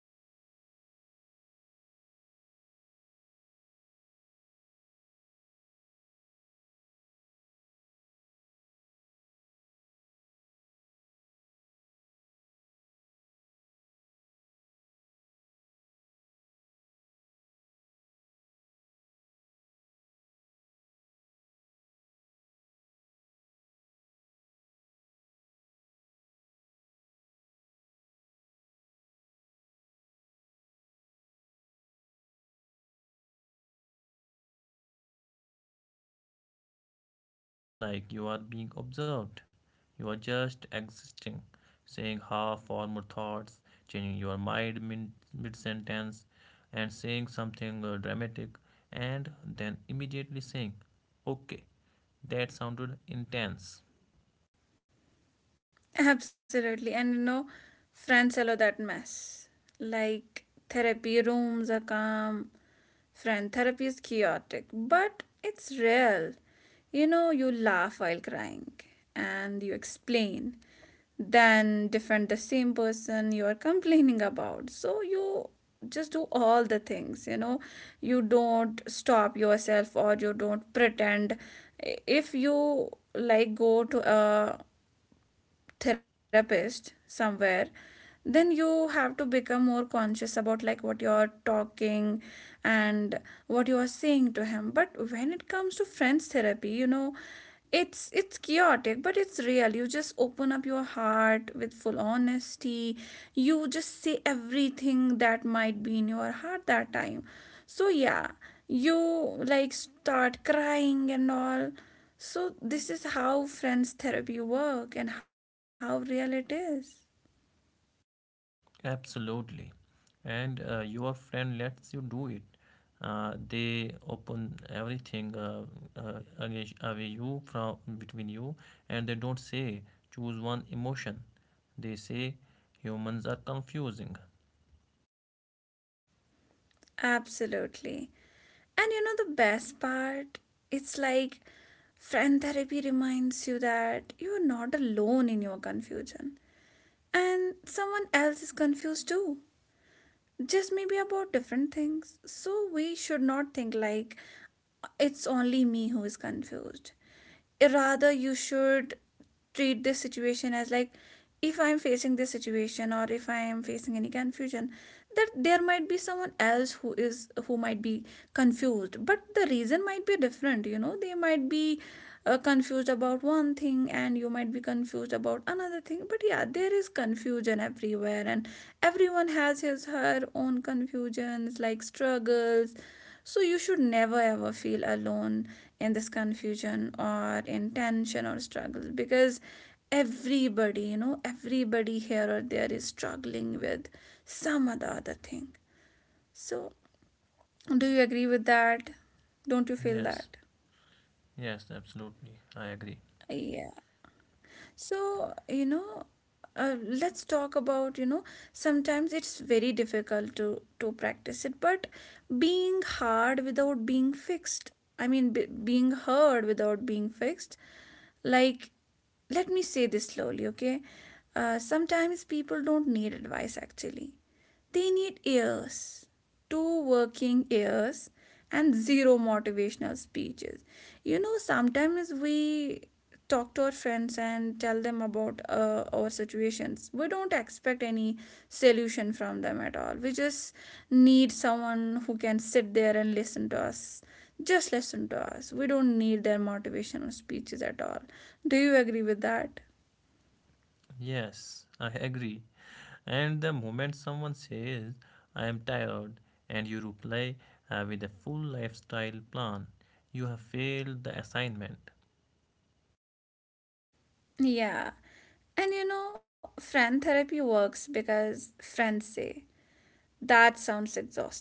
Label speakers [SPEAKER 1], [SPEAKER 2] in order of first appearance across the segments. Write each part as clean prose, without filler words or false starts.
[SPEAKER 1] another room. So yeah, if we just randomly start talking to to a friend, he or she could be a you know a good therapist. Like, we don't have to fill the form, wait for the timing or nothing. She He or she can become therapy anywhere. Whenever we start talking to them, we start pouring our heart to them. So yeah, friends are really, you know, good therapists.
[SPEAKER 2] Yeah, exactly. And that's what makes it safe. You don't feel like you are being observed. You are just existing, saying half formed thoughts, changing your mind mid sentence, and saying something dramatic, and then immediately saying, okay, that sounded intense.
[SPEAKER 1] Absolutely. And you know, friends allow that mess. Like, therapy rooms are calm. Friend therapy is chaotic, but it's real. You know, you laugh while crying and you explain. Then defend the same person you are complaining about. So you just do all the things, you know. You don't stop yourself or you don't pretend. If you like go to a therapist somewhere, then you have to become more conscious about like what you're talking and what you are saying to him. But when it comes to friends therapy, you know, it's chaotic but it's real. You just open up your heart with full honesty. You just say everything that might be in your heart that time. So yeah, you like start crying and all. So this is how friends therapy work and how real it is.
[SPEAKER 2] Absolutely. And your friend lets you do it. They open everything against- away you from between you, and they don't say choose one emotion. They say humans are confusing.
[SPEAKER 1] Absolutely. And you know the best part? It's like friend therapy reminds you that you're not alone in your confusion. And someone else is confused too, just maybe about different things. So we should not think like it's only me who is confused. Rather, you should treat this situation as like, if I'm facing this situation or if I am facing any confusion, that there might be someone else who might be confused, but the reason might be different. You know, they might be confused about one thing and you might be confused about another thing, but yeah, there is confusion everywhere, and everyone has his her own confusions like struggles. So you should never ever feel alone in this confusion or in tension or struggles, because everybody, you know, everybody here or there is struggling with some other thing. So do you agree with that? Don't you feel
[SPEAKER 2] Yes,
[SPEAKER 1] that?
[SPEAKER 2] yes, absolutely. I agree.
[SPEAKER 1] Yeah. So, you know, let's talk about, you know, sometimes it's very difficult to practice it, but being hard without being fixed. I mean, b being hard without being fixed. Like, let me say this slowly, okay? Sometimes people don't need advice actually. They need ears, two working ears, and zero motivational speeches. You know, sometimes we talk to our friends and tell them about our situations. We don't expect any solution from them at all. We just need someone who can sit there and listen to us, just listen to us. We don't need their motivational speeches at all. Do you agree with that?
[SPEAKER 2] Yes, I agree. And the moment someone says, I am tired, and you reply with a full lifestyle plan, you have failed the assignment.
[SPEAKER 1] Yeah. And you know, friend therapy works because friends say, that sounds exhausting.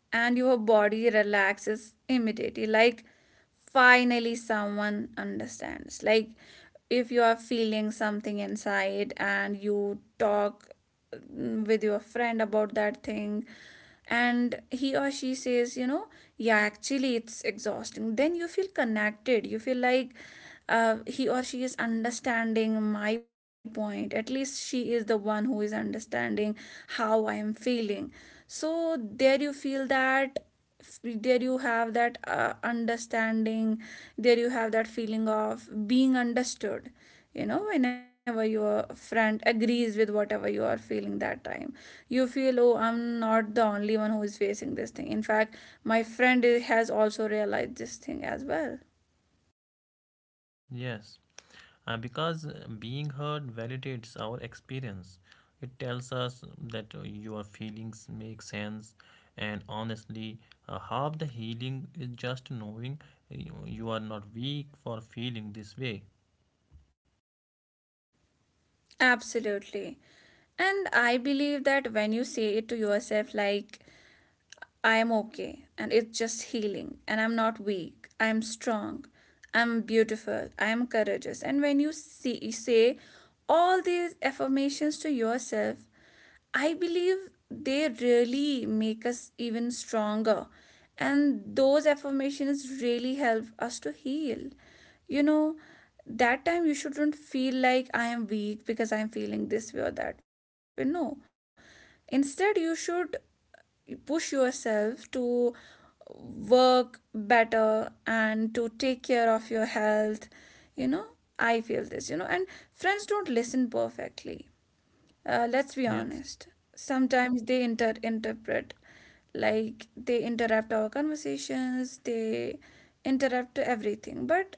[SPEAKER 1] And your body relaxes immediately. Like, finally, someone understands. Like, if you are feeling something inside and you talk with your friend about that thing, and he or she says, you know, yeah, actually, it's exhausting, then you feel connected. You feel like, he or she is understanding my point. At least she is the one who is understanding how I am feeling. So there you feel that, there you have that understanding, there you have that feeling of being understood. You know, whenever your friend agrees with whatever you are feeling that time, you feel, oh, I'm not the only one who is facing this thing. In fact, my friend has also realized this thing as well.
[SPEAKER 2] Yes. Because being heard validates our experience. It tells us that your feelings make sense, and honestly, half the healing is just knowing you are not weak for feeling this way.
[SPEAKER 1] Absolutely. And I believe that when you say it to yourself, like, I am okay and it's just healing and I'm not weak. I am strong. I'm beautiful. I am courageous. And when you say all these affirmations to yourself, I believe they really make us even stronger. And those affirmations really help us to heal. You know, that time you shouldn't feel like I am weak because I am feeling this way or that way. No. Instead, you should push yourself to work better and to take care of your health. You know, I feel this, you know. And friends don't listen perfectly, let's be
[SPEAKER 2] Yes.
[SPEAKER 1] honest. Sometimes they interpret, like they interrupt our conversations, they interrupt everything. But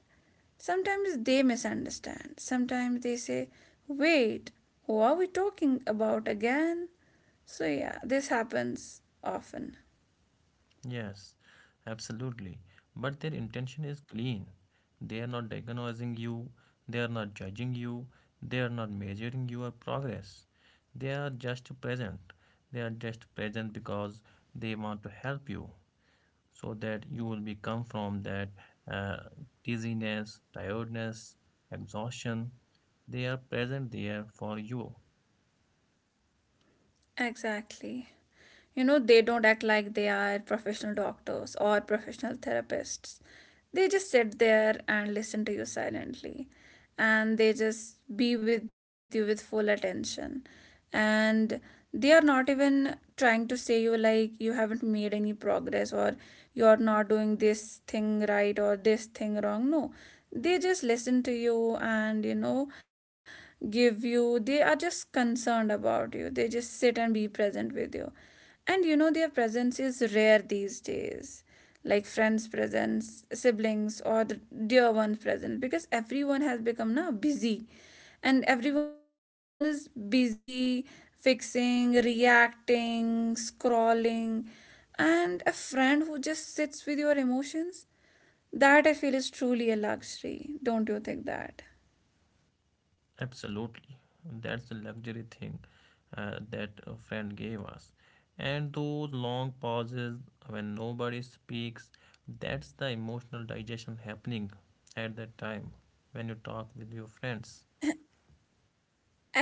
[SPEAKER 1] sometimes they misunderstand. Sometimes they say, "Wait, who are we talking about again?" So yeah, this happens often.
[SPEAKER 2] Yes, absolutely. But their intention is clean. They are not diagnosing you, they are not judging you, they are not measuring your progress. They are just present. They are just present because they want to help you so that you will become from that uh, dizziness, tiredness, exhaustion. They are present there for you.
[SPEAKER 1] Exactly. You know, they don't act like they are professional doctors or professional therapists. They just sit there and listen to you silently, and they just be with you with full attention. And they are not even trying to say you like you haven't made any progress or you are not doing this thing right or this thing wrong. No, they just listen to you, and you know, give you they are just concerned about you. They just sit and be present with you. And you know, their presence is rare these days. Like friends' presence, siblings, or the dear one's presence, because everyone has become now busy, and everyone is busy fixing, reacting, scrolling, and a friend who just sits with your emotions, that I feel is truly a luxury. Don't you think that?
[SPEAKER 2] Absolutely. That's the luxury thing that a friend gave us. And those long pauses when nobody speaks, that's the emotional digestion happening at that time when you talk with your friends.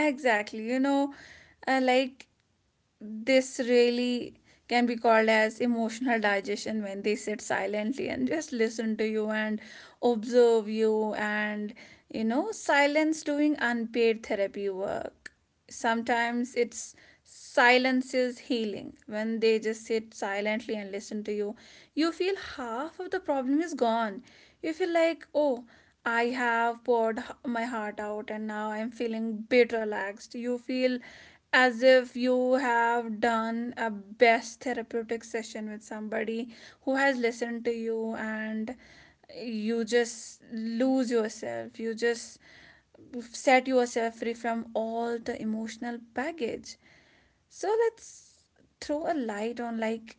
[SPEAKER 1] Exactly. You know, like, this really can be called as emotional digestion when they sit silently and just listen to you and observe you. And you know, silence doing unpaid therapy work. Sometimes it's silence is healing. When they just sit silently and listen to you, you feel half of the problem is gone. You feel like, oh, I have poured my heart out and now I'm feeling bit relaxed. You feel as if you have done a best therapeutic session with somebody who has listened to you. And you just lose yourself, you just set yourself free from all the emotional baggage. So let's throw a light on like,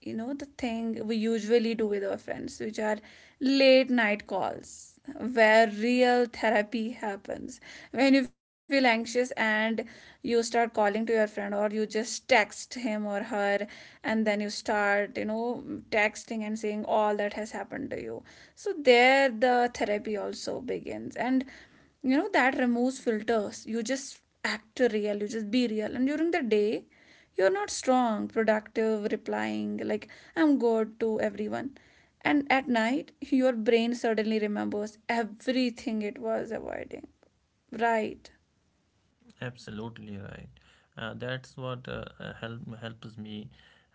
[SPEAKER 1] you know, the thing we usually do with our friends, which are late night calls, where real therapy happens. When you feel anxious and you start calling to your friend or you just text him or her, and then you start, you know, texting and saying all that has happened to you. So there the therapy also begins. And you know, that removes filters. You just act real, you just be real. And during the day you're not strong productive replying like, I'm good to everyone. And at night your brain suddenly remembers everything it was avoiding. Right?
[SPEAKER 2] Absolutely right. That's what helps me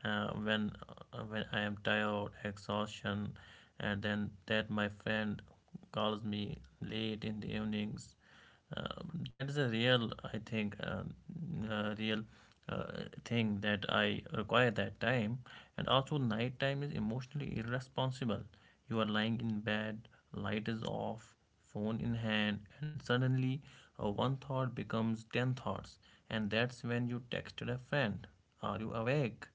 [SPEAKER 2] uh, when when I am tired, exhaustion, and then that my friend calls me late in the evenings. That is a real, I think, real thing that I require that time. And also, nighttime is emotionally irresponsible. You are lying in bed, light is off, phone in hand, and suddenly one thought becomes 10 thoughts, and that's when you texted a friend, are you awake?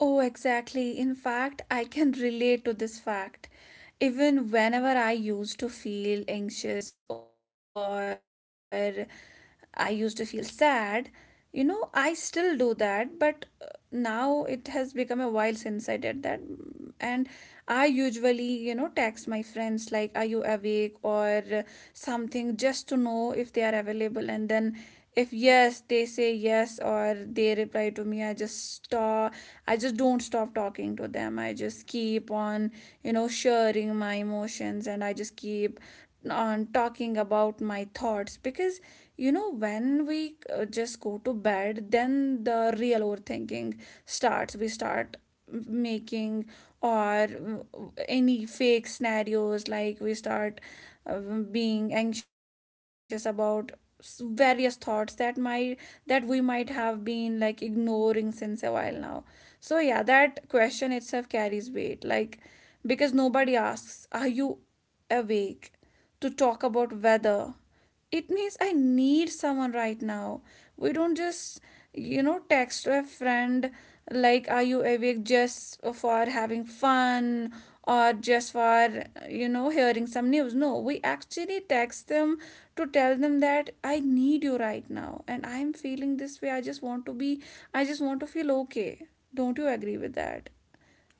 [SPEAKER 1] Oh, exactly. In fact, I can relate to this fact. Even whenever I used to feel anxious or I used to feel sad, you know, I still do that, but now it has become a while since I did that. And I usually, you know, text my friends like, are you awake, or something, just to know if they are available. And then if yes, they say yes or they reply to me. I just don't stop talking to them. I just keep on, you know, sharing my emotions, and I just keep on talking about my thoughts, because you know, when we just go to bed, then the real overthinking starts. We start making or any fake scenarios. Like, we start being anxious about various thoughts that we might have been like ignoring since a while now. So yeah, that question itself carries weight. Like, because nobody asks are you awake to talk about weather. It means I need someone right now. We don't just, you know, text to a friend like, are you awake, just for having fun or just for, you know, hearing some news. No, we actually text them to tell them that I need you right now and I'm feeling this way. I just want to feel okay. Don't you agree with that?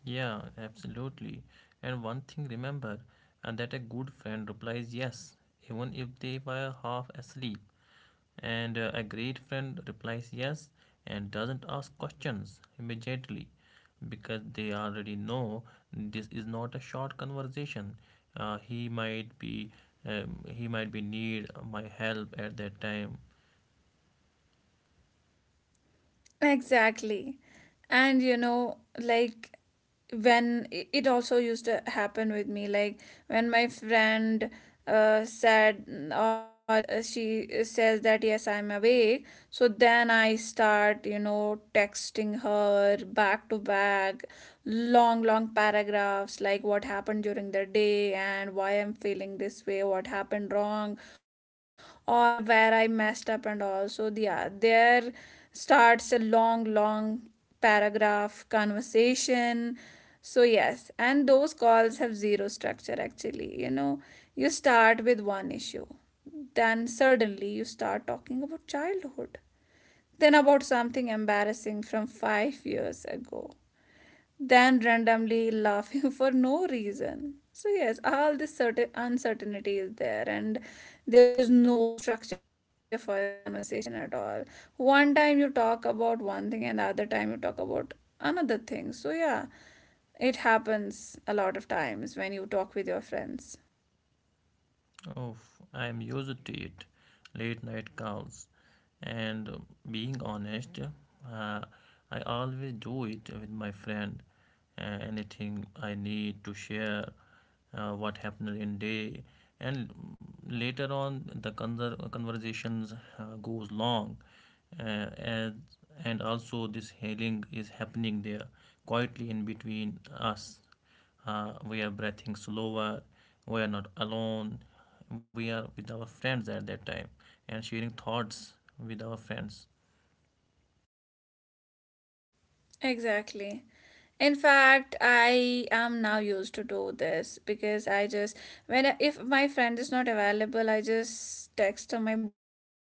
[SPEAKER 2] Yeah, absolutely. And one thing remember, and that a good friend replies yes, even if they were half asleep. And a great friend replies yes and doesn't ask questions immediately because they already know this is not a short conversation. He might be need my help at that time.
[SPEAKER 1] Exactly. And you know, like, when it also used to happen with me, like when my friend said or she says that, yes, I'm awake, so then I start, you know, texting her back to back long long paragraphs like what happened during the day and why I'm feeling this way, what happened wrong or where I messed up. And also the there starts a long long paragraph, conversation. So yes, and those calls have zero structure actually. You know, you start with one issue, then suddenly you start talking about childhood, then about something embarrassing from 5 years ago than randomly laughing for no reason. So, yes, all this certain uncertainty is there, and there is no structure for your conversation at all. One time you talk about one thing, and the other time you talk about another thing. So, yeah, it happens a lot of times when you talk with your friends.
[SPEAKER 2] Oh, I am used to it. Late night calls and being honest, I always do it with my friend. Anything I need to share what happened in day and later on the conversations goes long uh, as, and also this healing is happening there quietly in between us. We are breathing slower, we are not alone, we are with our friends at that time and sharing thoughts with our friends.
[SPEAKER 1] Exactly. In fact, I am now used to do this because I just when I- if my friend is not available, I just text to my boyfriend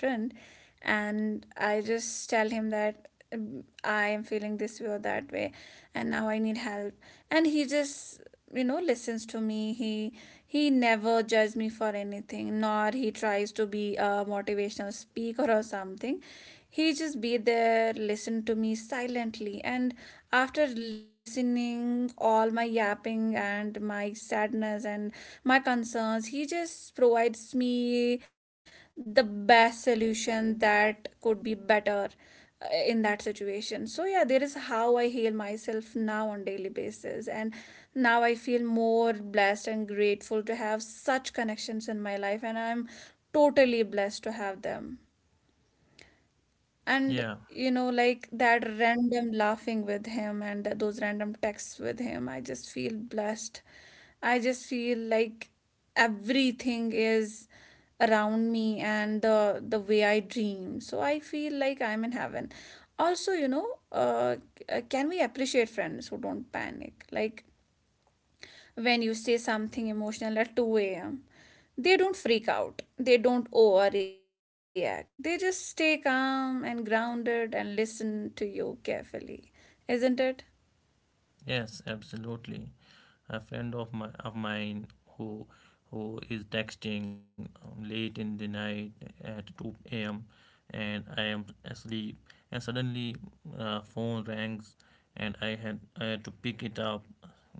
[SPEAKER 1] and I just tell him that I am feeling this way or that way and now I need help, and he just, you know, listens to me. He never judges me for anything, nor he tries to be a motivational speaker or something. He just be there, listen to me silently, and after listening all my yapping and my sadness and my concerns, he just provides me the best solution that could be better in that situation. So yeah, there is how I heal myself now on daily basis, and now I feel more blessed and grateful to have such connections in my life, and I'm totally blessed to have them. And
[SPEAKER 2] Yeah.
[SPEAKER 1] you know, like that random laughing with him and those random texts with him, I just feel blessed. I just feel like everything is around me and the way I dream. So I feel like I'm in heaven. Also, you know, can we appreciate friends who don't panic? Like when you say something emotional at 2 a.m. They don't freak out, they don't overreact. They just stay calm and grounded and listen to you carefully. Isn't it?
[SPEAKER 2] Yes, absolutely. A friend of mine who who is texting late in the night at 2 a.m. and I am asleep, and suddenly phone rings and I had to pick it up,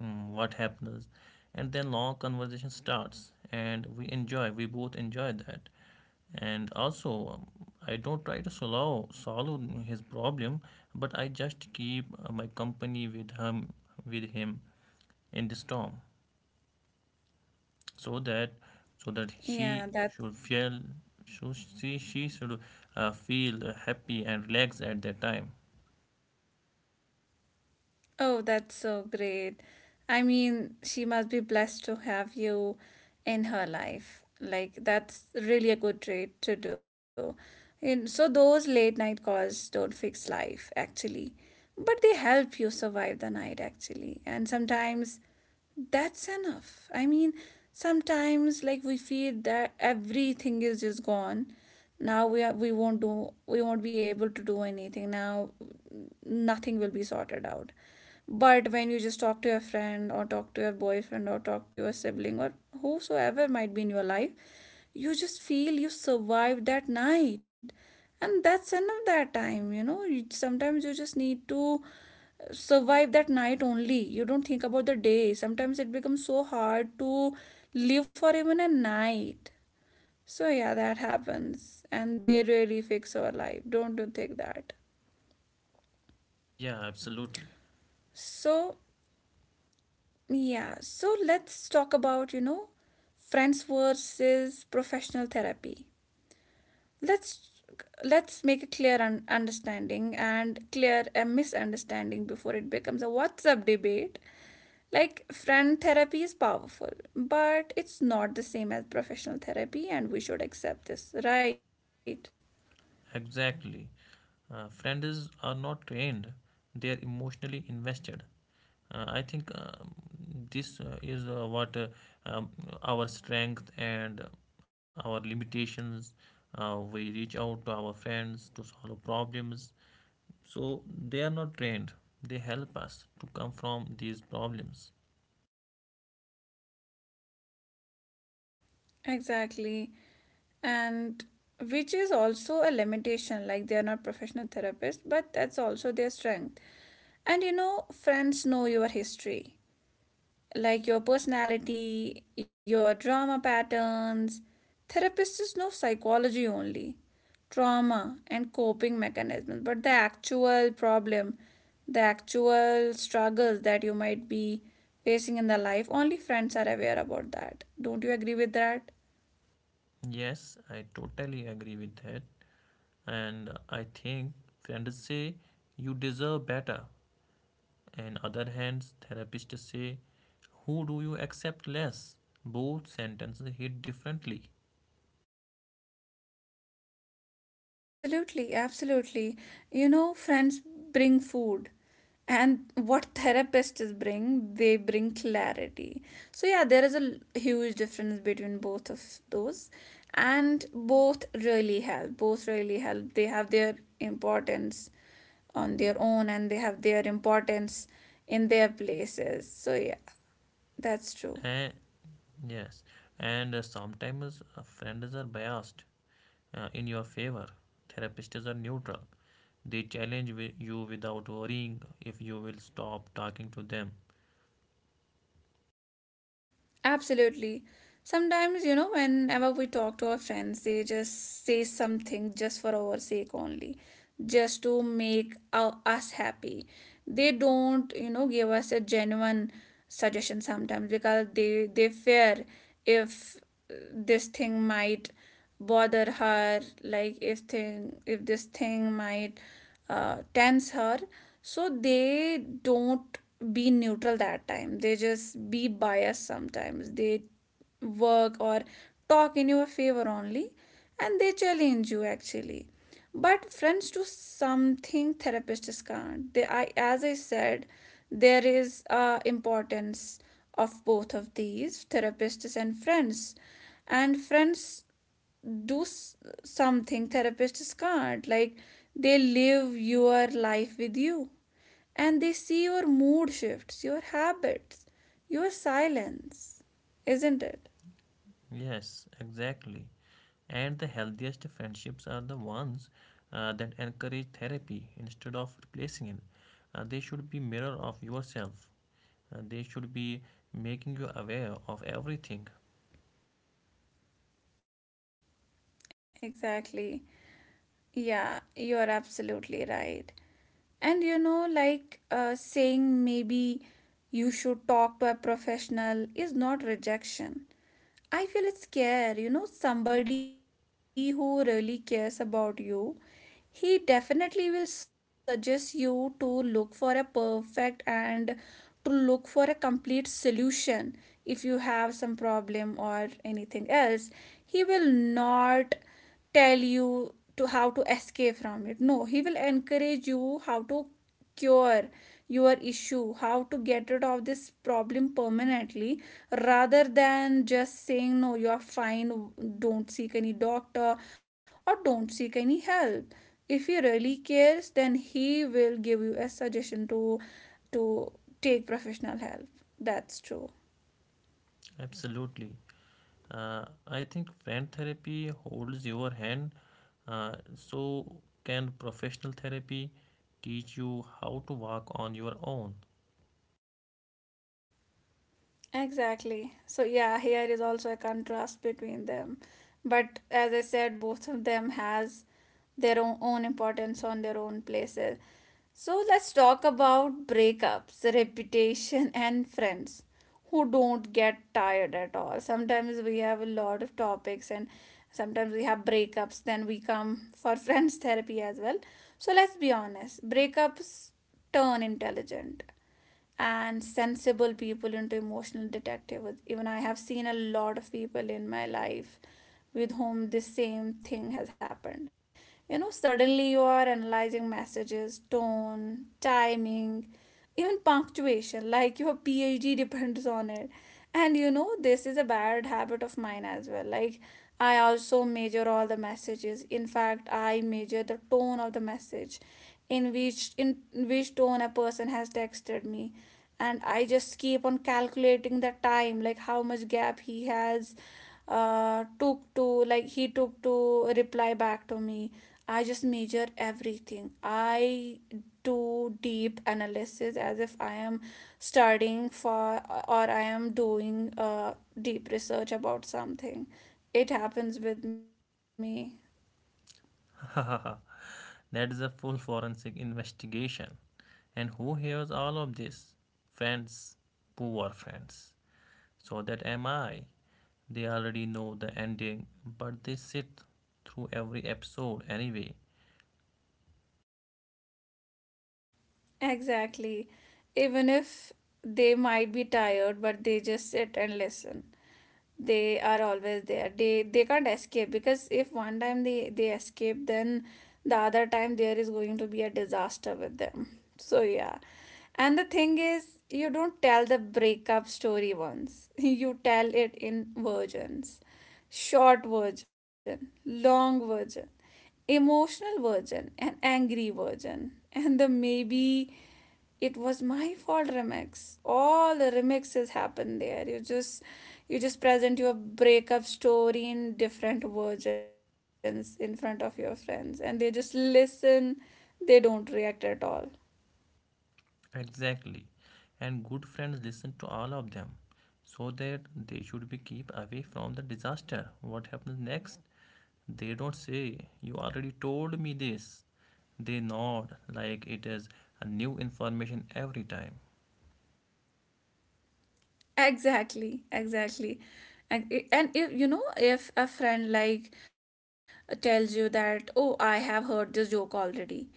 [SPEAKER 2] what happens, and then long conversation starts and we both enjoy that. And also, I don't try to solve his problem, but I just keep my company with him, with him in the storm, so that
[SPEAKER 1] Yeah,
[SPEAKER 2] she
[SPEAKER 1] that
[SPEAKER 2] should feel, so she should feel happy and relaxed at that time.
[SPEAKER 1] oh, that's so great. I mean, she must be blessed to have you in her life. Like that's really a good trait to do. And so those late night calls don't fix life actually, but they help you survive the night actually. And sometimes that's enough. I mean, sometimes like we feel that everything is just gone. Now we won't be able to do anything. Now nothing will be sorted out. But when you just talk to your friend or talk to your boyfriend or talk to your sibling or whosoever might be in your life, you just feel you survived that night, and that's enough that time, you know. Sometimes you just need to survive that night only. You don't think about the day. Sometimes it becomes so hard to live for even a night. So yeah, that happens, and they really fix our life, don't you think that?
[SPEAKER 2] Yeah, absolutely.
[SPEAKER 1] So yeah, so let's talk about, you know, friends versus professional therapy. Let's let's make a clear understanding and clear a misunderstanding before it becomes a WhatsApp debate. Like friend therapy is powerful, but it's not the same as professional therapy, and we should accept this, right?
[SPEAKER 2] Exactly. Friends are not trained, they are emotionally invested. I think this is what um, our strength and our limitations. We reach out to our friends to solve problems. So they are not trained, they help us to come from these problems.
[SPEAKER 1] Exactly. And which is also a limitation, like they are not professional therapists, but that's also their strength. And you know, friends know your history, like your personality, your drama patterns. Therapists know psychology only, trauma and coping mechanisms, but the actual problem, the actual struggles that you might be facing in the life, only friends are aware about that. Don't you agree with that?
[SPEAKER 2] Yes, I totally agree with that. And I think friends say you deserve better, and other hands, therapists say who do you accept less. Both sentences hit differently.
[SPEAKER 1] Absolutely, absolutely. You know, friends bring food, and what therapists bring, they bring clarity. So, yeah, there is huge difference between both of those, and both really help. Both really help. They have their importance on their own, and they have their importance in their places. So, yeah, that's true.
[SPEAKER 2] Eh, yes, and sometimes friends are biased in your favor. Therapists are neutral. They challenge you without worrying if you will stop talking to them.
[SPEAKER 1] Absolutely. Sometimes, you know, whenever we talk to our friends, they just say something just for our sake only, just to make our, us happy. They don't, you know, give us a genuine suggestion sometimes because they fear if this thing might bother her, like if thing if this thing might tense her, so they don't be neutral that time. They just be biased. Sometimes they work or talk in your favor only, and they challenge you actually. But friends do something therapists can't. They I As I said, there is importance of both of these, therapists and friends, and friends do s- something therapists can't, like they live your life with you, and they see your mood shifts, your habits, your silence. Isn't it?
[SPEAKER 2] Yes, exactly. And the healthiest friendships are the ones that encourage therapy instead of replacing it. They should be mirror of yourself. They should be making you aware of everything.
[SPEAKER 1] Exactly. Yeah, you're absolutely right. And you know, like saying maybe you should talk to a professional is not rejection. I feel it's care. You know, somebody who really cares about you, he definitely will suggest you to look for a perfect and to look for a complete solution if you have some problem or anything else. He will not tell you to how to escape from it. No, he will encourage you how to cure your issue, how to get rid of this problem permanently, rather than just saying no, you are fine, don't seek any doctor, or don't seek any help. If he really cares, then he will give you a suggestion to take professional help. That's true.
[SPEAKER 2] Absolutely. I think friend therapy holds your hand. So, can professional therapy teach you how to walk on your own?
[SPEAKER 1] Exactly. So yeah, here is also a contrast between them. But as I said, both of them has their own, own importance on their own places. So let's talk about breakups, reputation and friends who don't get tired at all. Sometimes we have a lot of topics, and sometimes we have breakups, then we come for friends therapy as well. So let's be honest, breakups turn intelligent and sensible people into emotional detectives. Even I have seen a lot of people in my life with whom this same thing has happened. You know, suddenly you are analyzing messages, tone, timing, even punctuation, like your PhD depends on it. And you know, this is a bad habit of mine as well. Like I also measure all the messages. In fact, I measure the tone of the message, in which tone a person has texted me. And I just keep on calculating the time, like how much gap he has took to, like, he took to reply back to me. I just measure everything. I do deep analysis as if I am studying for, or I am doing deep research about something. It happens with me.
[SPEAKER 2] That is a full forensic investigation. And who hears all of this? Friends, poor friends. So that am I. They already know the ending, but they sit through every episode anyway.
[SPEAKER 1] Exactly. Even if they might be tired, but they just sit and listen. They are always there. They can't escape, because if one time they escape, then the other time there is going to be a disaster with them. So yeah. And the thing is, you don't tell the breakup story once. You tell it in versions. Short version, long version, emotional version, an angry version, and the maybe it was my fault remix. All the remixes happen there. You just present your breakup story in different versions in front of your friends, and they just listen. They don't react at all.
[SPEAKER 2] Exactly. And good friends listen to all of them so that they should be keep away from the disaster what happens next. They don't say, you already told me this. They nod like it is a new information every time.
[SPEAKER 1] Exactly, exactly. And if you know, if a friend like tells you that, oh, I have heard this joke already,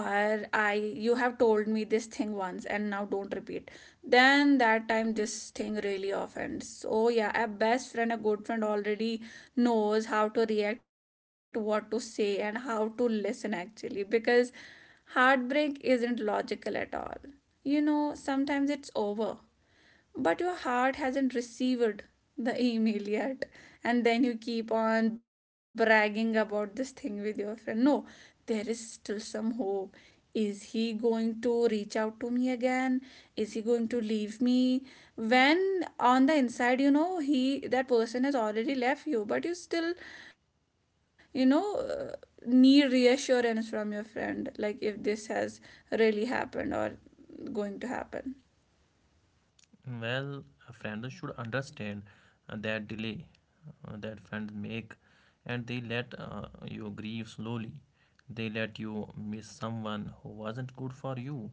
[SPEAKER 1] or I you have told me this thing once and now don't repeat, then that time this thing really offends. So yeah, a best friend, a good friend already knows how to react, what to say, and how to listen actually, because heartbreak isn't logical at all. You know, sometimes it's over but your heart hasn't received the email yet, and then you keep on bragging about this thing with your friend. No, there is still some hope. Is he going to reach out to me again? Is he going to leave me? When on the inside you know he, that person has already left you, but you still, you know, need reassurance from your friend, like if this has really happened or going to happen.
[SPEAKER 2] Well, friends should understand that delay that friends make, and they let you grieve slowly. They let you miss someone who wasn't good for you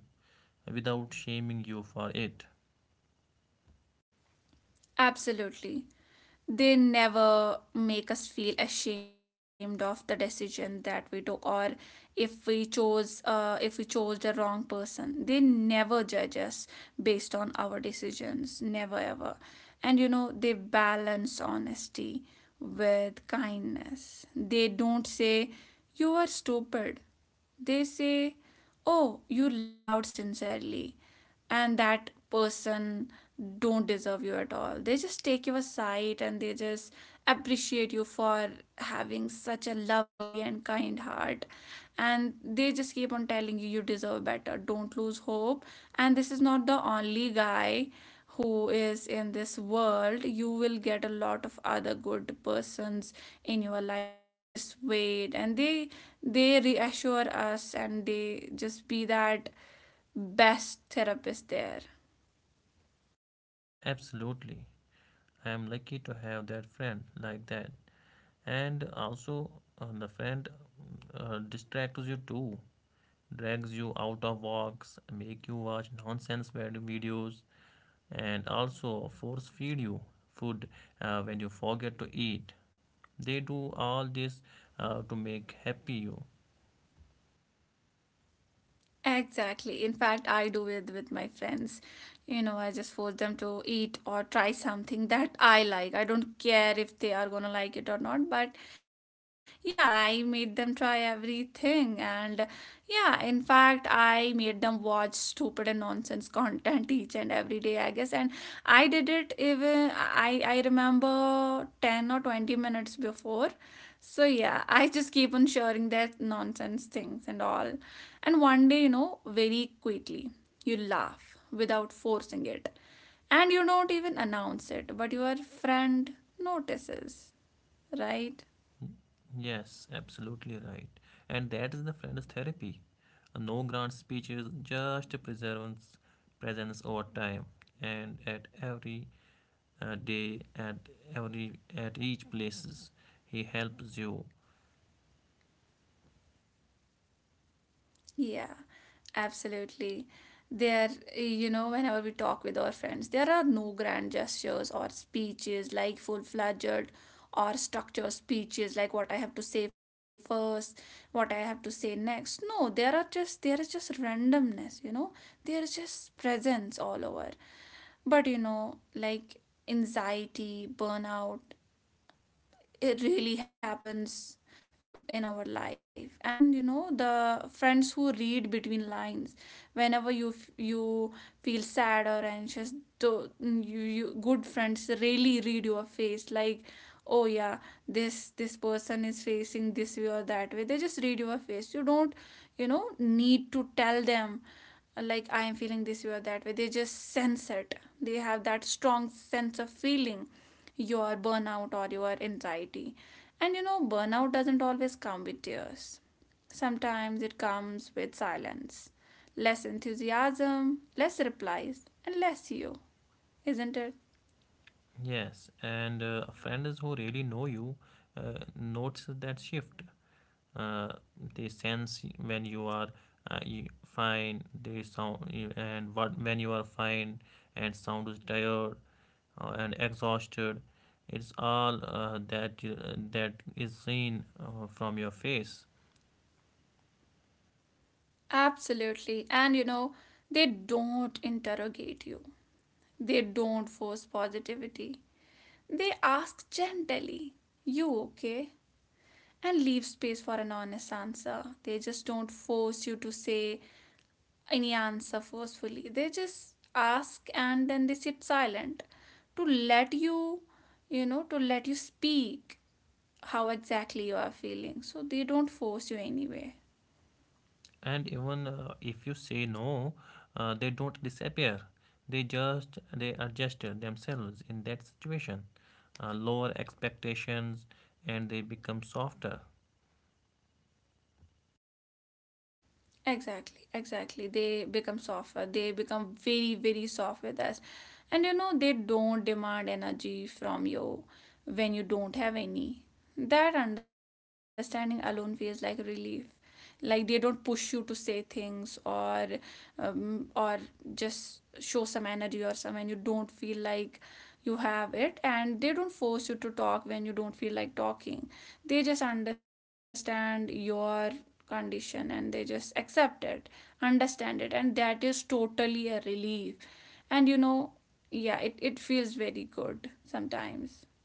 [SPEAKER 2] without shaming you for it.
[SPEAKER 1] Absolutely. They never make us feel ashamed of the decision that we took, or if we chose if we chose the wrong person. They never judge us based on our decisions, never ever. And you know, they balance honesty with kindness. They don't say you are stupid. They say, "Oh, you loved sincerely," and that person don't deserve you at all. They just take you aside and they just appreciate you for having such a lovely and kind heart, and they just keep on telling you you deserve better, don't lose hope, and this is not the only guy who is in this world. You will get a lot of other good persons in your life, just wait. And they reassure us and they just be that best therapist there.
[SPEAKER 2] Absolutely. I am lucky to have that friend like that. And also, the friend distracts you too, drags you out of walks, make you watch nonsense videos, and also force feed you food when you forget to eat. They do all this to make happy you.
[SPEAKER 1] Exactly, in fact I do with my friends. You know, I just force them to eat or try something that I like. I don't care if they are gonna like it or not, but yeah, I made them try everything. And yeah, in fact I made them watch stupid and nonsense content each and every day, I guess. And I did it even I remember 10 or 20 minutes before. So yeah, I just keep on sharing that nonsense things and all. And one day, you know, very quickly, you laugh without forcing it. And you don't even announce it, but your friend notices, right?
[SPEAKER 2] Yes, absolutely right. And that is the friend's therapy. No grand speeches, just presence, presence over time, and at every day, at each places, he helps you.
[SPEAKER 1] Yeah, absolutely. There, you know, whenever we talk with our friends, there are no grand gestures or speeches like full fledged or structured speeches, like what I have to say first, what I have to say next. No, there is just randomness, you know. There is just presence all over. But you know, like anxiety, burnout, it really happens in our life. And you know, the friends who read between lines, whenever you feel sad or anxious, though you good friends really read your face, like oh yeah, this person is facing this way or that way. They just read your face. You don't, you know, need to tell them like I am feeling this way or that way. They just sense it. They have that strong sense of feeling your burnout or your anxiety. And you know, burnout doesn't always come with tears. Sometimes it comes with silence, less enthusiasm, less replies, and less you, isn't it?
[SPEAKER 2] Yes, and friends who really know you notice that shift. Uh, they sense when you are you fine, they sound you- and what when you are fine and sound is tired and exhausted. It's all that is seen from your face.
[SPEAKER 1] Absolutely. And you know, they don't interrogate you, they don't force positivity. They ask gently, "You okay?" and leave space for an honest answer. They just don't force you to say any answer forcefully. They just ask and then they sit silent to let you, you know, to let you speak how exactly you are feeling. So they don't force you anyway.
[SPEAKER 2] And even if you say no, they don't disappear. They just they adjust themselves in that situation, lower expectations, and they become softer.
[SPEAKER 1] Exactly, exactly. They become softer. They become very, very soft with us. And you know, they don't demand energy from you when you don't have any. That understanding alone feels like relief. Like, they don't push you to say things, or or just show some energy or something you don't feel like you have it. And they don't force you to talk when you don't feel like talking. They just understand your condition and they just accept it, understand it, and that is totally a relief. And you know, yeah, it feels very good sometimes.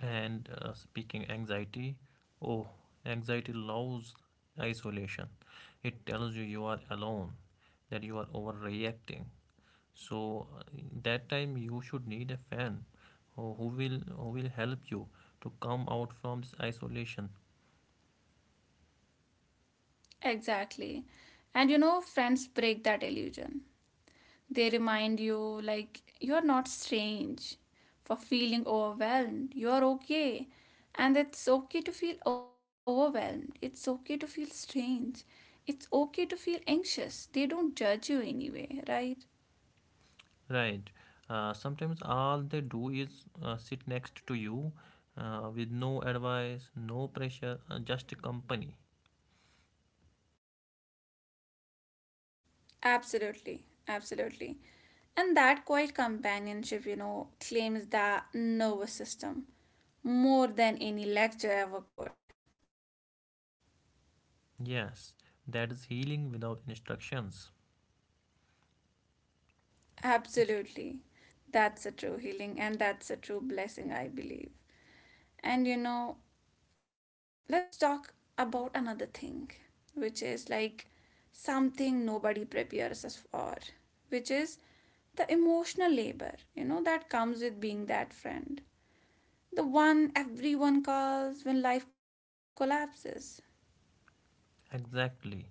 [SPEAKER 2] And speaking anxiety, oh, anxiety loves isolation. It tells you you are alone, that you are overreacting. So that time you should need a friend, who will help you to come out from this isolation.
[SPEAKER 1] Exactly. And you know, friends break that illusion. They remind you, like, you're not strange for feeling overwhelmed. You're okay. And it's okay to feel overwhelmed. It's okay to feel strange. It's okay to feel anxious. They don't judge you anyway, right?
[SPEAKER 2] Right. Sometimes all they do is sit next to you with no advice, no pressure, just company.
[SPEAKER 1] Absolutely. Absolutely. And that quiet companionship, you know, claims the nervous system more than any lecture ever could.
[SPEAKER 2] Yes, that is healing without instructions.
[SPEAKER 1] Absolutely. That's a true healing and that's a true blessing, I believe. And you know, let's talk about another thing, which is like something nobody prepares us for, which is the emotional labor, you know, that comes with being that friend. The one everyone calls when life collapses.
[SPEAKER 2] Exactly.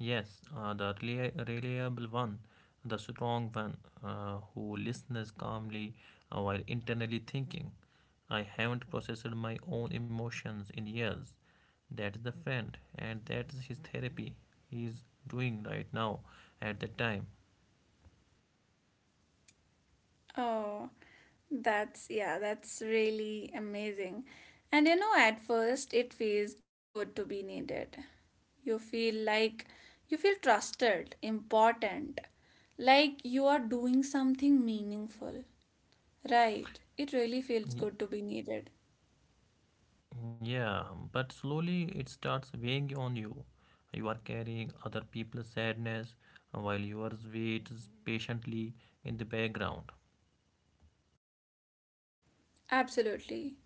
[SPEAKER 2] Yes, reliable one, the strong one who listens calmly while internally thinking, I haven't processed my own emotions in years. That is the friend, and that is his therapy he is doing right now at that time.
[SPEAKER 1] Oh, that's, yeah, that's really amazing. And you know, at first it feels good to be needed. You feel like you feel trusted, important, like you are doing something meaningful, right? It really feels good
[SPEAKER 2] Y-
[SPEAKER 1] to be needed.
[SPEAKER 2] Yeah, but slowly it starts weighing on you. You are carrying other people's sadness while yours waits patiently in the background.
[SPEAKER 1] Absolutely.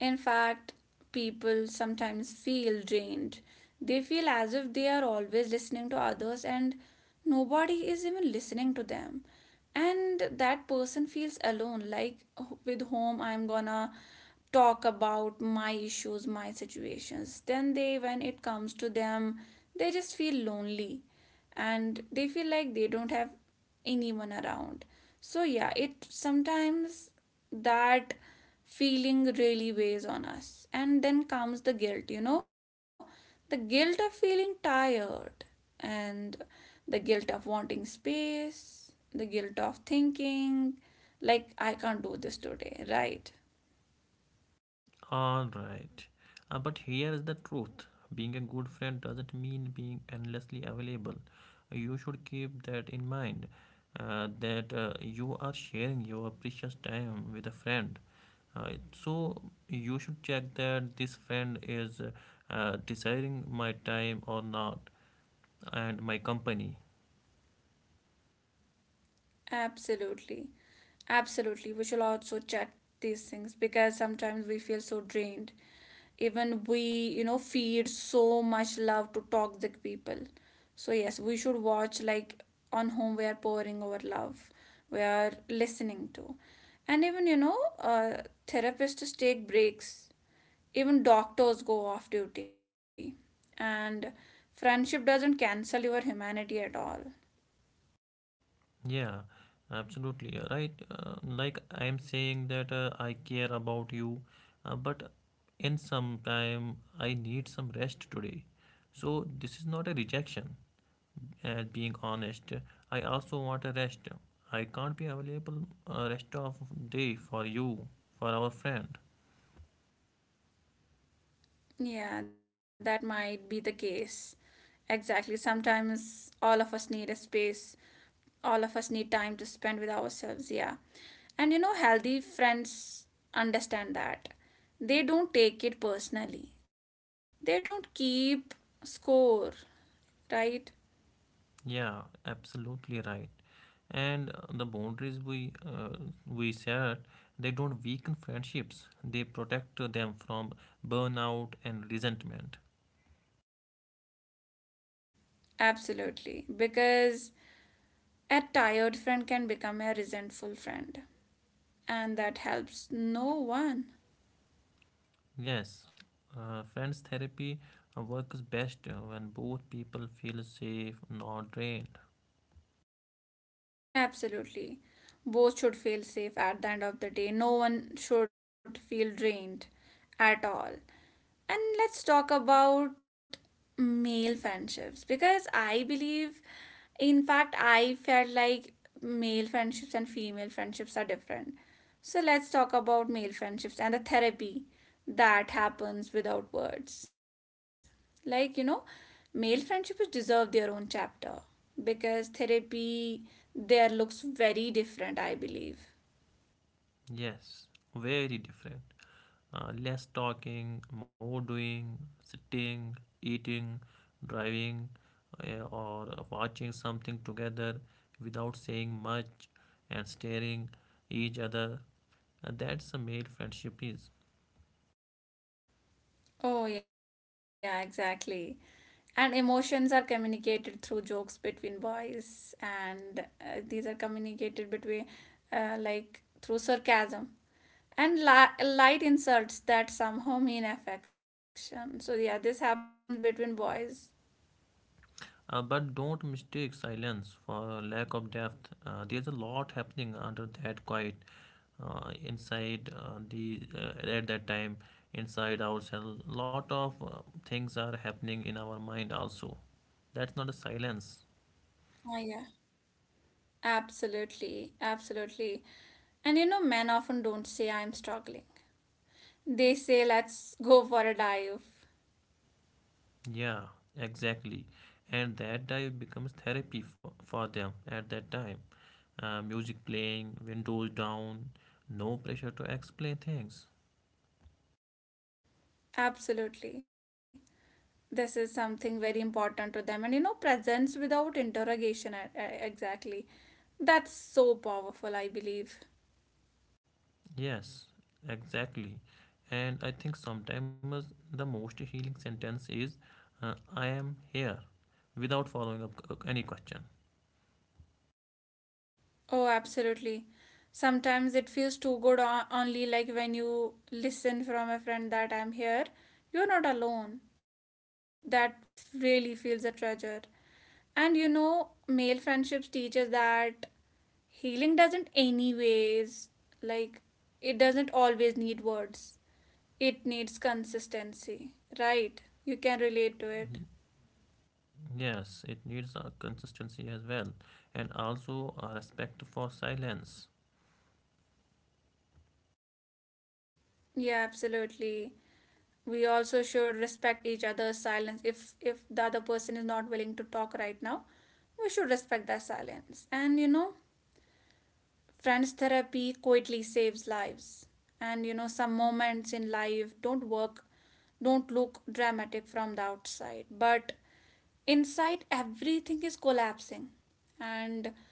[SPEAKER 1] In fact, people sometimes feel drained. They feel as if they are always listening to others and nobody is even listening to them. And that person feels alone, like, "Oh, with whom I'm gonna talk about my issues, my situations." Then they, when it comes to them, they just feel lonely and they feel like they don't have anyone around. So yeah, it sometimes, that feeling really weighs on us. And then comes the guilt, you know, the guilt of feeling tired, and the guilt of wanting space, the guilt of thinking, like, I can't do this today, right?
[SPEAKER 2] All right. But here is the truth, being a good friend doesn't mean being endlessly available. You should keep that in mind that you are sharing your precious time with a friend. So, you should check that this friend is desiring my time or not, and my company.
[SPEAKER 1] Absolutely. Absolutely, we should also check these things, because sometimes we feel so drained. Even we, you know, feed so much love to toxic people. So yes, we should watch like on whom we are pouring our love, we are listening to. And even, you know, therapists take breaks, even doctors go off duty. And friendship doesn't cancel your humanity at all.
[SPEAKER 2] Yeah, absolutely right. Like I am saying that I care about you, but in some time I need some rest today. So this is not a rejection. As being honest, I also want a rest. I can't be available rest of day for you, for our friend.
[SPEAKER 1] Yeah, that might be the case. Exactly. Sometimes all of us need a space, all of us need time to spend with ourselves. Yeah. And you know, healthy friends understand that. They don't take it personally, they don't keep score, right?
[SPEAKER 2] Yeah, absolutely right. And the boundaries we set, they don't weaken friendships. They protect them from burnout and resentment.
[SPEAKER 1] Absolutely. Because a tired friend can become a resentful friend, and that helps no one.
[SPEAKER 2] Yes, friends therapy works best when both people feel safe, not drained.
[SPEAKER 1] Absolutely. Both should feel safe at the end of the day. No one should feel drained at all. And let's talk about male friendships, because I believe, in fact, I felt like male friendships and female friendships are different. So let's talk about male friendships and the therapy that happens without words. Like, you know, male friendships deserve their own chapter because therapy there looks very different, I believe.
[SPEAKER 2] Yes, very different. Less talking, more doing, sitting, eating, driving, or watching something together without saying much and staring each other. That's a male friendship is.
[SPEAKER 1] Oh yeah, exactly. And emotions are communicated through jokes between boys, and these are communicated between, like, through sarcasm and light insults that somehow mean affection. So yeah, this happens between boys.
[SPEAKER 2] But don't mistake silence for lack of depth. There's a lot happening under that quiet inside the at that time inside ourselves. A lot of things are happening in our mind also. That's not a silence.
[SPEAKER 1] Oh yeah. Absolutely, absolutely. And you know, men often don't say, "I'm struggling." They say, "Let's go for a dive."
[SPEAKER 2] Yeah, exactly. And that dive becomes therapy for them at that time. Music playing, windows down, no pressure to explain things.
[SPEAKER 1] Absolutely. This is something very important to them. And you know, presence without interrogation, exactly, that's so powerful, I believe.
[SPEAKER 2] Yes, exactly. And I think sometimes the most healing sentence is, I am here, without following up any question.
[SPEAKER 1] Oh, absolutely. Sometimes it feels too good, only like when you listen from a friend that "I'm here, you're not alone," that really feels a treasure. And you know, male friendships teaches that healing doesn't anyways, like, it doesn't always need words. It needs consistency, right? You can relate to it.
[SPEAKER 2] Yes, it needs a consistency as well, and also a respect for silence.
[SPEAKER 1] Yeah, absolutely. We also should respect each other's silence. If the other person is not willing to talk right now, we should respect their silence. And you know, friends therapy quietly saves lives. And you know, some moments in life don't work, don't look dramatic from the outside, but inside everything is collapsing, and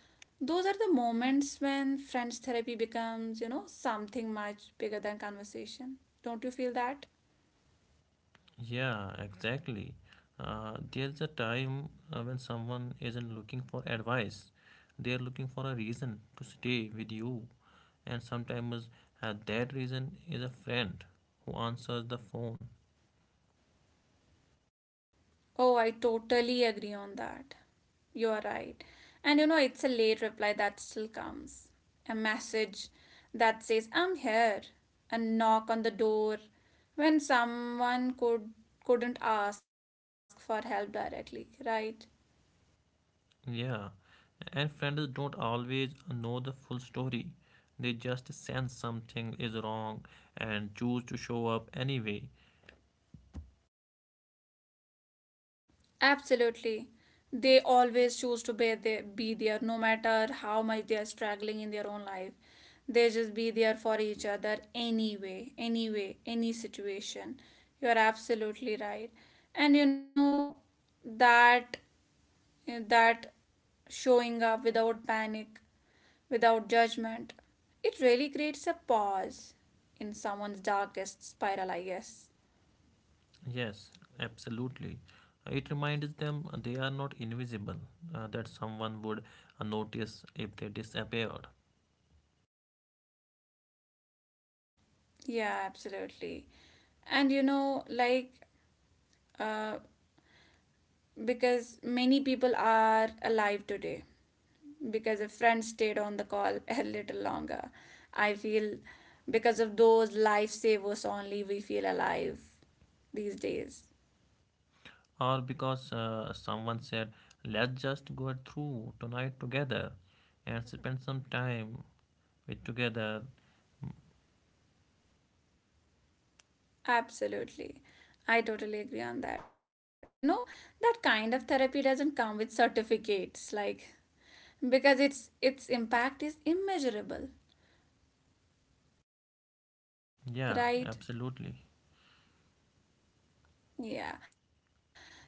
[SPEAKER 1] those are the moments when friends therapy becomes, you know, something much bigger than conversation. Don't you feel that?
[SPEAKER 2] Yeah, exactly. There is a time when someone isn't looking for advice, they are looking for a reason to stay with you. And sometimes that reason is a friend who answers the phone.
[SPEAKER 1] Oh, I totally agree on that. You are right. And you know, it's a late reply that still comes, a message that says "I'm here," a knock on the door when someone could, couldn't ask for help directly, right?
[SPEAKER 2] Yeah, and friends don't always know the full story, they just sense something is wrong and choose to show up anyway.
[SPEAKER 1] Absolutely. They always choose to be there no matter how much they are struggling in their own life. They just be there for each other anyway, anyway, any situation. You are absolutely right. And you know, that that showing up without panic, without judgment, it really creates a pause in someone's darkest spiral, I guess.
[SPEAKER 2] Yes, absolutely. It reminds them they are not invisible, that someone would notice if they disappeared,
[SPEAKER 1] Yeah, absolutely. And you know, like uh, because many people are alive today because a friend stayed on the call a little longer. I feel because of those lifesavers only we feel alive these days.
[SPEAKER 2] or because someone said, "Let's just go through tonight together and spend some time with together."
[SPEAKER 1] Absolutely. I totally agree on that. You know, that kind of therapy doesn't come with certificates like because its impact is immeasurable,
[SPEAKER 2] Yeah,
[SPEAKER 1] right?
[SPEAKER 2] absolutely.
[SPEAKER 1] Yeah.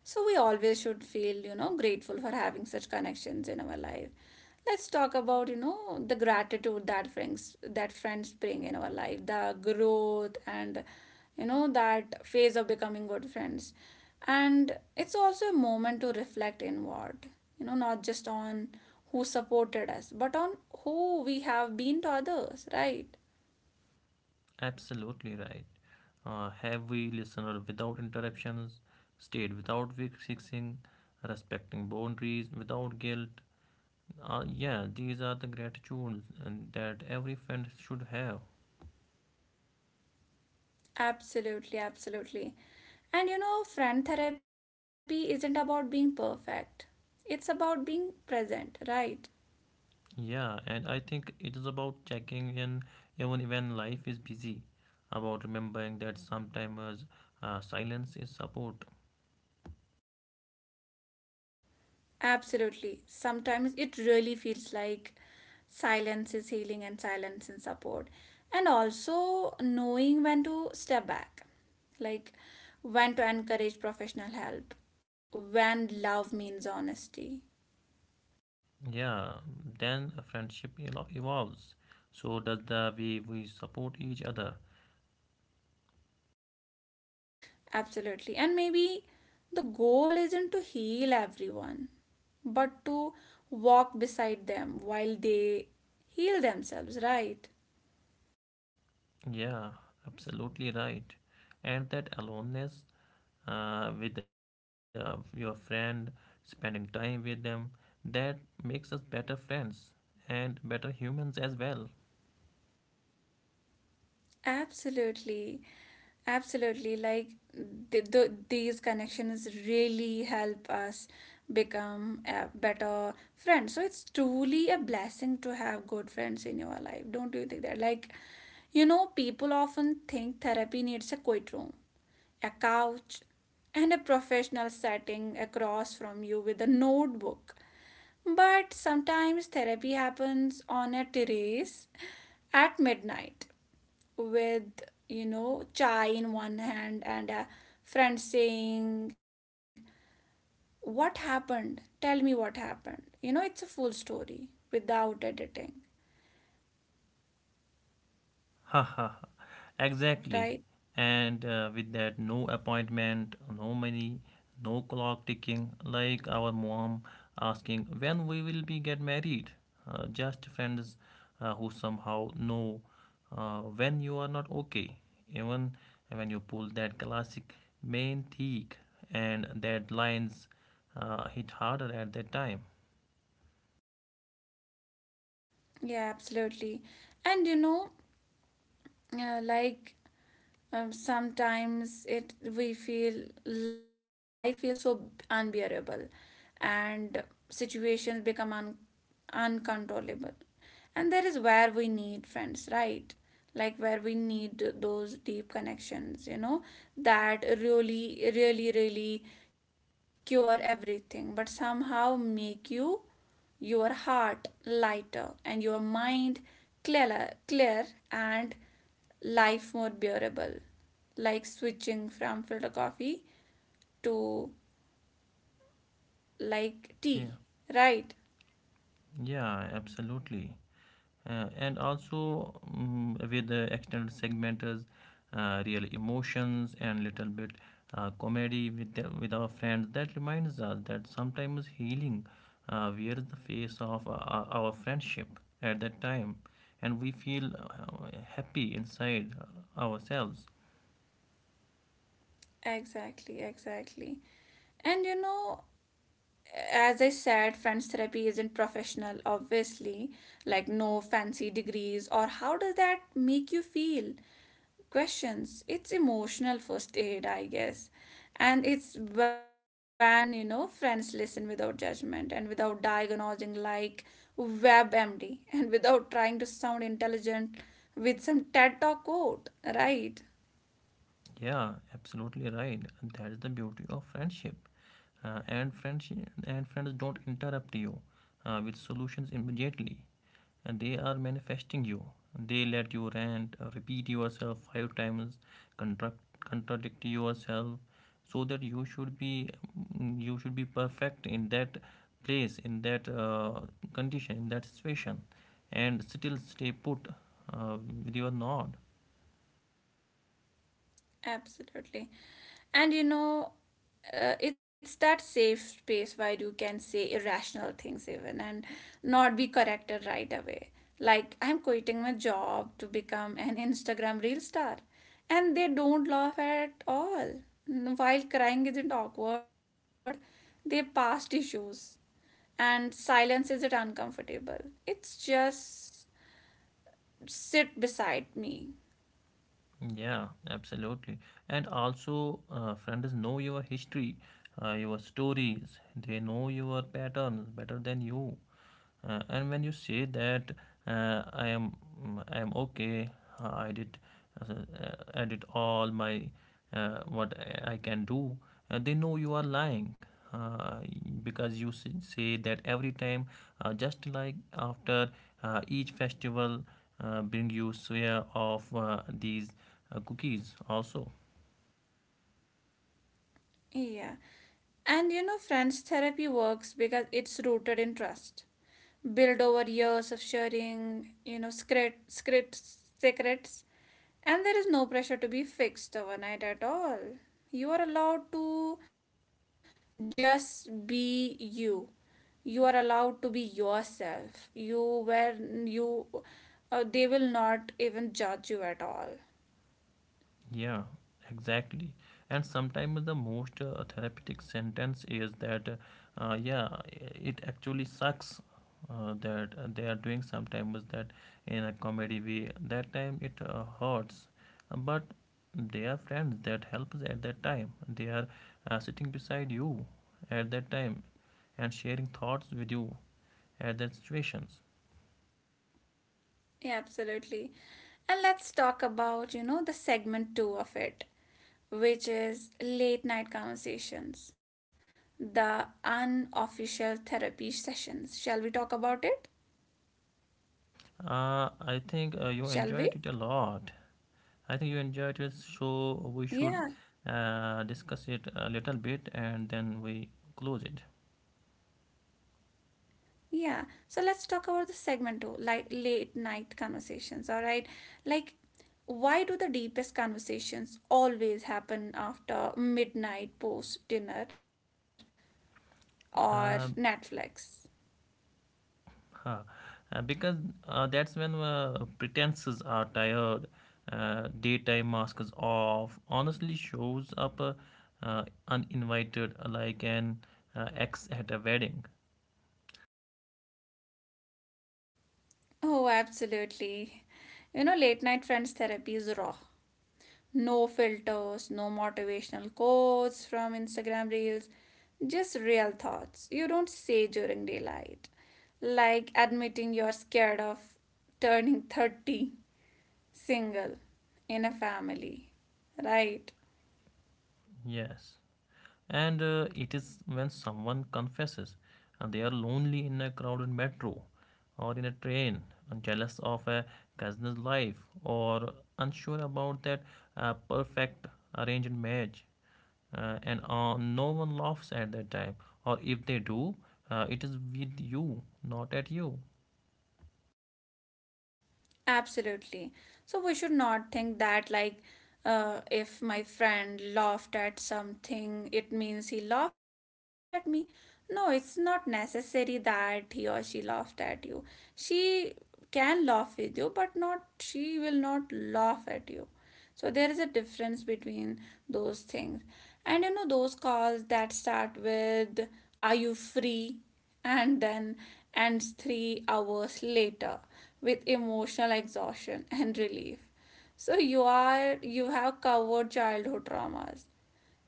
[SPEAKER 1] So we always should feel, you know, grateful for having such connections in our life. Let's talk about, you know, the gratitude that friends bring in our life, the growth and you know that phase of becoming good friends. And it's also a moment to reflect inward, you know, not just on who supported us, but on who we have been to others, right?
[SPEAKER 2] Absolutely right. Have we listened without interruptions, stayed without fixing, respecting boundaries without guilt? Yeah, these are the gratitudes and that every friend should have.
[SPEAKER 1] Absolutely, absolutely. And you know, friend therapy isn't about being perfect, it's about being present, right?
[SPEAKER 2] Yeah, and I think it is about checking in even when life is busy, about remembering that sometimes silence is support.
[SPEAKER 1] Absolutely. Sometimes it really feels like silence is healing and silence is support. And also knowing when to step back, like when to encourage professional help, when love means honesty,
[SPEAKER 2] Yeah, then a evolves. So does the way we support each other.
[SPEAKER 1] Absolutely. And maybe the goal isn't to heal everyone, but to walk beside them while they heal themselves, right?
[SPEAKER 2] Yeah, absolutely right. And that aloneness with your friend, spending time with them. That makes us better friends and better humans as well.
[SPEAKER 1] Absolutely. Absolutely. Like the, these connections really help us become a better friend. So it's truly a blessing to have good friends in your life. Don't you think that? Like, you know, people often think therapy needs a quiet room a couch, and a professional setting across from you with a notebook. But sometimes therapy happens on a terrace at midnight with, you know, chai in one hand and a friend saying, What happened? Tell me what happened. You know, it's a full story without editing, right?
[SPEAKER 2] Exactly. And with that, no appointment, no money, no clock ticking, like our mom asking when we will be get married. Just friends who somehow know when you are not okay. Even when you pull that classic main thick and that lines hit harder at that time.
[SPEAKER 1] Yeah, absolutely. And you know, like sometimes it we feel life feels so unbearable and situations become uncontrollable, and there is where we need friends, right? Like, where we need those deep connections, you know, that really, really, really cure everything, but somehow make you, your heart lighter and your mind clear, and life more bearable, like switching from filter coffee to like
[SPEAKER 2] Yeah,
[SPEAKER 1] tea, right?
[SPEAKER 2] yeah, absolutely. And also, with the extended segmenters real emotions and little bit comedy with our friends that reminds us that sometimes healing wears the face of our friendship at that time, and we feel happy inside ourselves.
[SPEAKER 1] Exactly, exactly. And you know, as I said, friends therapy isn't professional, obviously, like no fancy degrees, or "how does that make you feel?" questions. It's emotional first aid, I guess. And it's when, friends listen without judgment and without diagnosing like WebMD and without trying to sound intelligent with some TED Talk quote, right?
[SPEAKER 2] Yeah, absolutely right. That is the beauty of friendship. And friends don't interrupt you with solutions immediately. And they are manifesting you. They let you rant, repeat yourself five times, contradict yourself, so that you should be mm, you should be perfect in that place, in that condition, in that situation, and still stay put uh, with your nod.
[SPEAKER 1] Absolutely. And you know, it's that safe space where you can say irrational things even and not be corrected right away. Like, I'm quitting my job to become an Instagram Reel star. And they don't laugh at all. While crying isn't awkward, they past issues. And silence isn't uncomfortable. It's just sit beside me.
[SPEAKER 2] Yeah, absolutely. And also, friends know your history, your stories. They know your patterns better than you, and when you say that uh, i am I am okay, uh, i did uh, I did all my what I can do, and they know you are lying, uh, because you say that every time, just like after each festival bring you share of these cookies also.
[SPEAKER 1] Yeah. And you know, friends therapy works because it's rooted in trust, built over years of sharing, secret, scripts, secrets, and there is no pressure to be fixed overnight at all. You are allowed to just be you. You are allowed to be yourself. You where you, they will not even judge you at all.
[SPEAKER 2] Yeah, exactly. And sometimes the most therapeutic sentence is that, yeah, it actually sucks that they are doing sometimes that in a comedy way. That time it hurts, but they are friends that helps at that time. They are sitting beside you at that time and sharing thoughts with you at that situations.
[SPEAKER 1] Yeah, absolutely. And let's talk about, the segment two of it, which is late night conversations, the unofficial therapy sessions. Shall we talk about it?
[SPEAKER 2] I think you enjoyed it a
[SPEAKER 1] Shall we?
[SPEAKER 2] lot. I think you enjoyed it, so we should
[SPEAKER 1] Yeah,
[SPEAKER 2] discuss it a little bit and then we close it.
[SPEAKER 1] yeah. So let's talk about the segment two, like late night conversations, all right? Like, why do the deepest conversations always happen after midnight post dinner or
[SPEAKER 2] Uh,
[SPEAKER 1] Netflix?
[SPEAKER 2] huh. Because that's when pretenses are tired, daytime masks off, honestly shows up uninvited like an ex at a wedding.
[SPEAKER 1] Oh, absolutely. You know, late night friends therapy is raw. No filters, no motivational quotes from Instagram reels, just real thoughts you don't say during daylight. Like admitting you're scared of turning 30 single in a family, right?
[SPEAKER 2] Yes. And it is when someone confesses and they are lonely in a crowded metro or in a train, and jealous of a cousin's life, or unsure about that perfect arranged marriage, and no one laughs at that time, or if they do, it is with you, not at you.
[SPEAKER 1] Absolutely. So we should not think that like if my friend laughed at something, it means he laughed at me. No, it's not necessary that he or she laughed at you. She can laugh with you, but not she will not laugh at you. So there is a difference between those things. And you know, those calls that start with, "Are you free?" and then ends 3 hours later with emotional exhaustion and relief. So you have covered childhood traumas.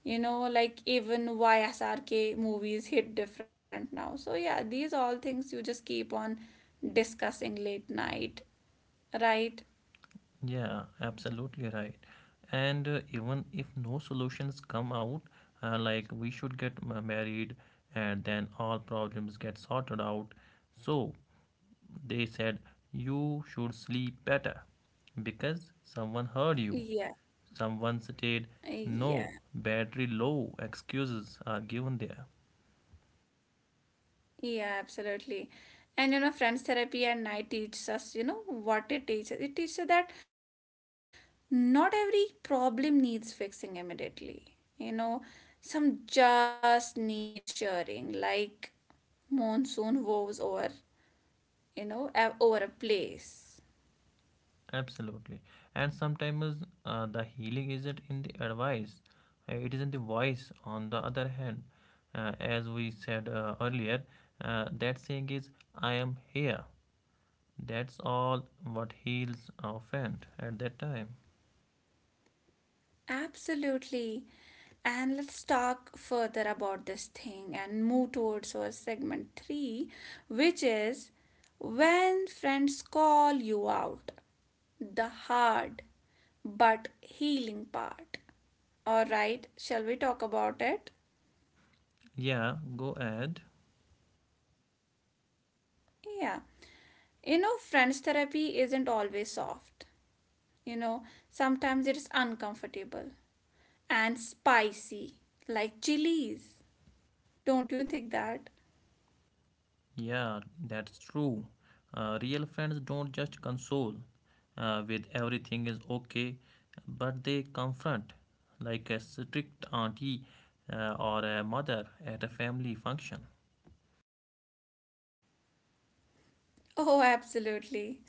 [SPEAKER 1] You know, like even YSRK movies hit different now. So yeah, these all things you just keep on discussing late night, right?
[SPEAKER 2] Yeah, absolutely right. And even if no solutions come out, like we should get married and then all problems get sorted out. So they said you should sleep better because someone heard you.
[SPEAKER 1] Yeah.
[SPEAKER 2] Someone stated no,
[SPEAKER 1] Yeah.
[SPEAKER 2] battery low excuses are given there.
[SPEAKER 1] Yeah, absolutely. And you know, friends therapy at night teaches us, you know, what it teaches. It teaches us that not every problem needs fixing immediately. You know, some just need sharing, like monsoon woes over, you know, over a place.
[SPEAKER 2] Absolutely. And sometimes the healing isn't in the advice, it is in the voice. On the other hand, as we said earlier, that saying is, "I am here." That's all what heals our friend at that time.
[SPEAKER 1] Absolutely. And let's talk further about this thing and move towards our segment three, which is when friends call you out the hard but healing part. All right, shall we talk about it?
[SPEAKER 2] Yeah, go ahead.
[SPEAKER 1] Yeah. You know, friends therapy isn't always soft. You know, sometimes it's uncomfortable and spicy, like chilies. Don't you think that?
[SPEAKER 2] Yeah, that's true. Real friends don't just console with everything is okay, but they confront like a strict auntie or a mother at a family function.
[SPEAKER 1] Oh, absolutely.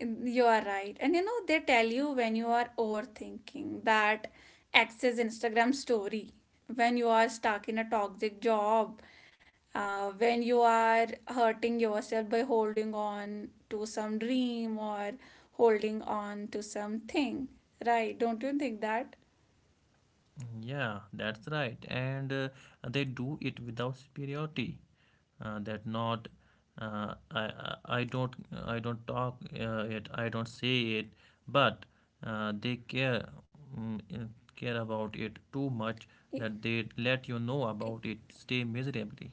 [SPEAKER 1] You are right. And you know, they tell you when you are overthinking that access Instagram story, when you are stuck in a toxic job, when you are hurting yourself by holding on to some dream or holding on to something, right? Don't you think that?
[SPEAKER 2] Yeah, that's right. And they do it without superiority. That not I don't, I don't talk it, I don't say it, but they care, mm, uh, care about it too much that they let you know about it. Stay miserably.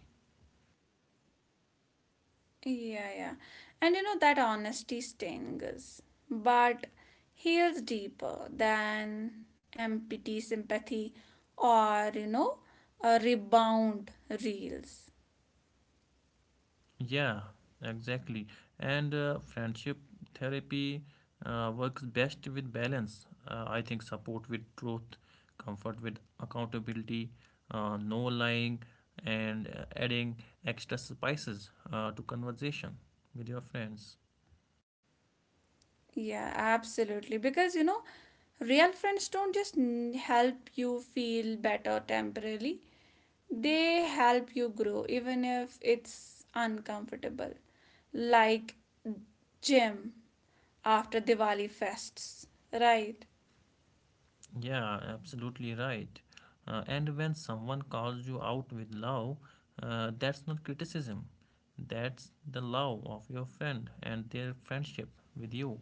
[SPEAKER 1] Yeah, yeah. And you know that honesty stings, but heals deeper than empty sympathy or, you know, a rebound reels.
[SPEAKER 2] Yeah, exactly. And friendship therapy works best with balance. I think support with truth, comfort with accountability, no lying, and adding extra spices to conversation with your friends.
[SPEAKER 1] Yeah, absolutely. Because, you know, real friends don't just help you feel better temporarily, they help you grow, even if it's uncomfortable. Like gym after Diwali fests, right?
[SPEAKER 2] Yeah, absolutely right. And when someone calls you out with love, that's not criticism. That's the love of your friend and their friendship with you.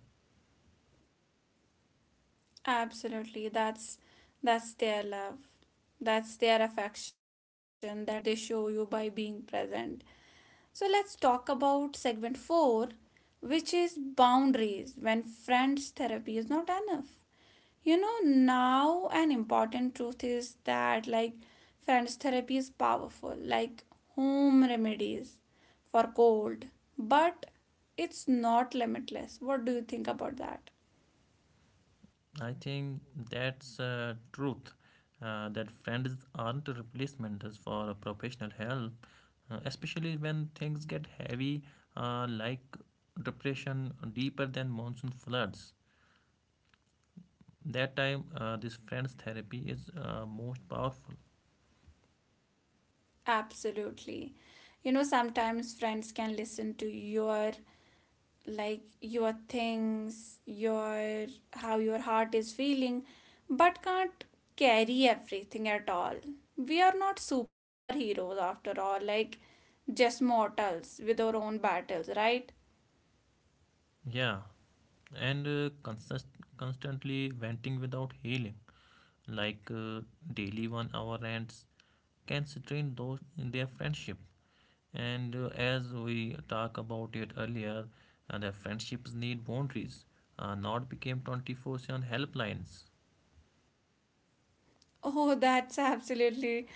[SPEAKER 1] Absolutely. That's their love. That's their affection that they show you by being present. So let's talk about segment 4, which is boundaries when friends therapy is not enough. You know, now an important truth is that like friends therapy is powerful, like home remedies for cold, but it's not limitless. What do you think about that?
[SPEAKER 2] I think that's truth. That friends aren't replacements for professional help, especially when things get heavy, like depression deeper than monsoon floods. That time, this friends therapy is most powerful.
[SPEAKER 1] Absolutely. You know, sometimes friends can listen to your like your things, your how your heart is feeling, but can't carry everything at all. We are not superheroes after all, like just mortals with our own battles, right?
[SPEAKER 2] Yeah, and constantly venting without healing, like daily 1 hour rants, can strain those in their friendship. And as we talk about it earlier, and the friendships need boundaries, not became 24/7 helplines.
[SPEAKER 1] Oh, that's absolutely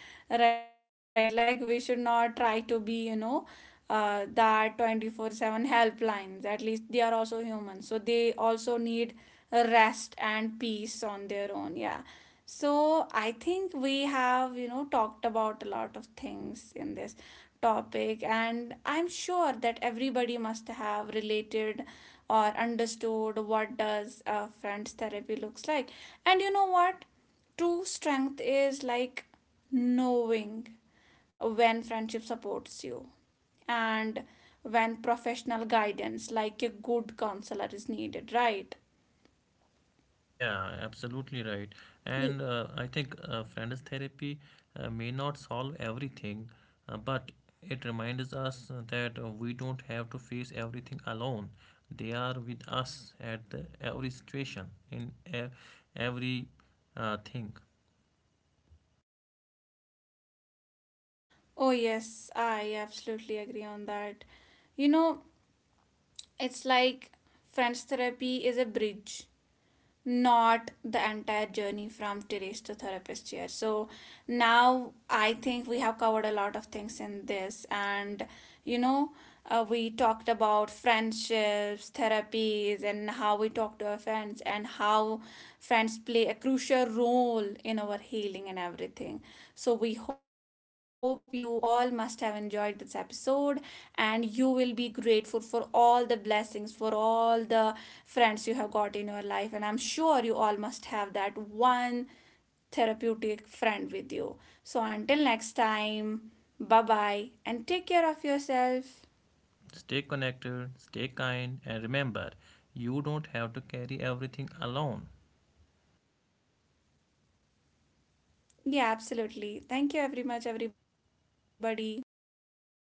[SPEAKER 1] right. Like, we should not try to be, you know, that 24/7 helplines. At least they are also human. So they also need rest and peace on their own. Yeah. So I think we have, you know, talked about a lot of things in this topic, and I'm sure that everybody must have related or understood what does a friend's therapy looks like. And you know what? True strength is like knowing when friendship supports you and when professional guidance, like a good counselor, is needed, right?
[SPEAKER 2] Yeah, absolutely right.
[SPEAKER 1] You-
[SPEAKER 2] And I think friends therapy may not solve everything, but it reminds us that we don't have to face everything alone. They are with us at every situation, in every thing.
[SPEAKER 1] Oh, yes, I absolutely agree on that. You know, it's like friends therapy is a bridge not the entire journey from terrace to therapist chair. So now I think we have covered a lot of things in this, and you know, we talked about friendships, therapies, and how we talk to our friends, and how friends play a crucial role in our healing and everything. So, we hope you all must have enjoyed this episode and you will be grateful for all the blessings, for all the friends you have got in your life. And I'm sure you all must have that one therapeutic friend with you. So, until next time, bye bye and take care of yourself.
[SPEAKER 2] Stay connected, stay kind, and remember, you don't have to carry everything alone.
[SPEAKER 1] Yeah, absolutely. Thank you very much, everybody. Bye bye.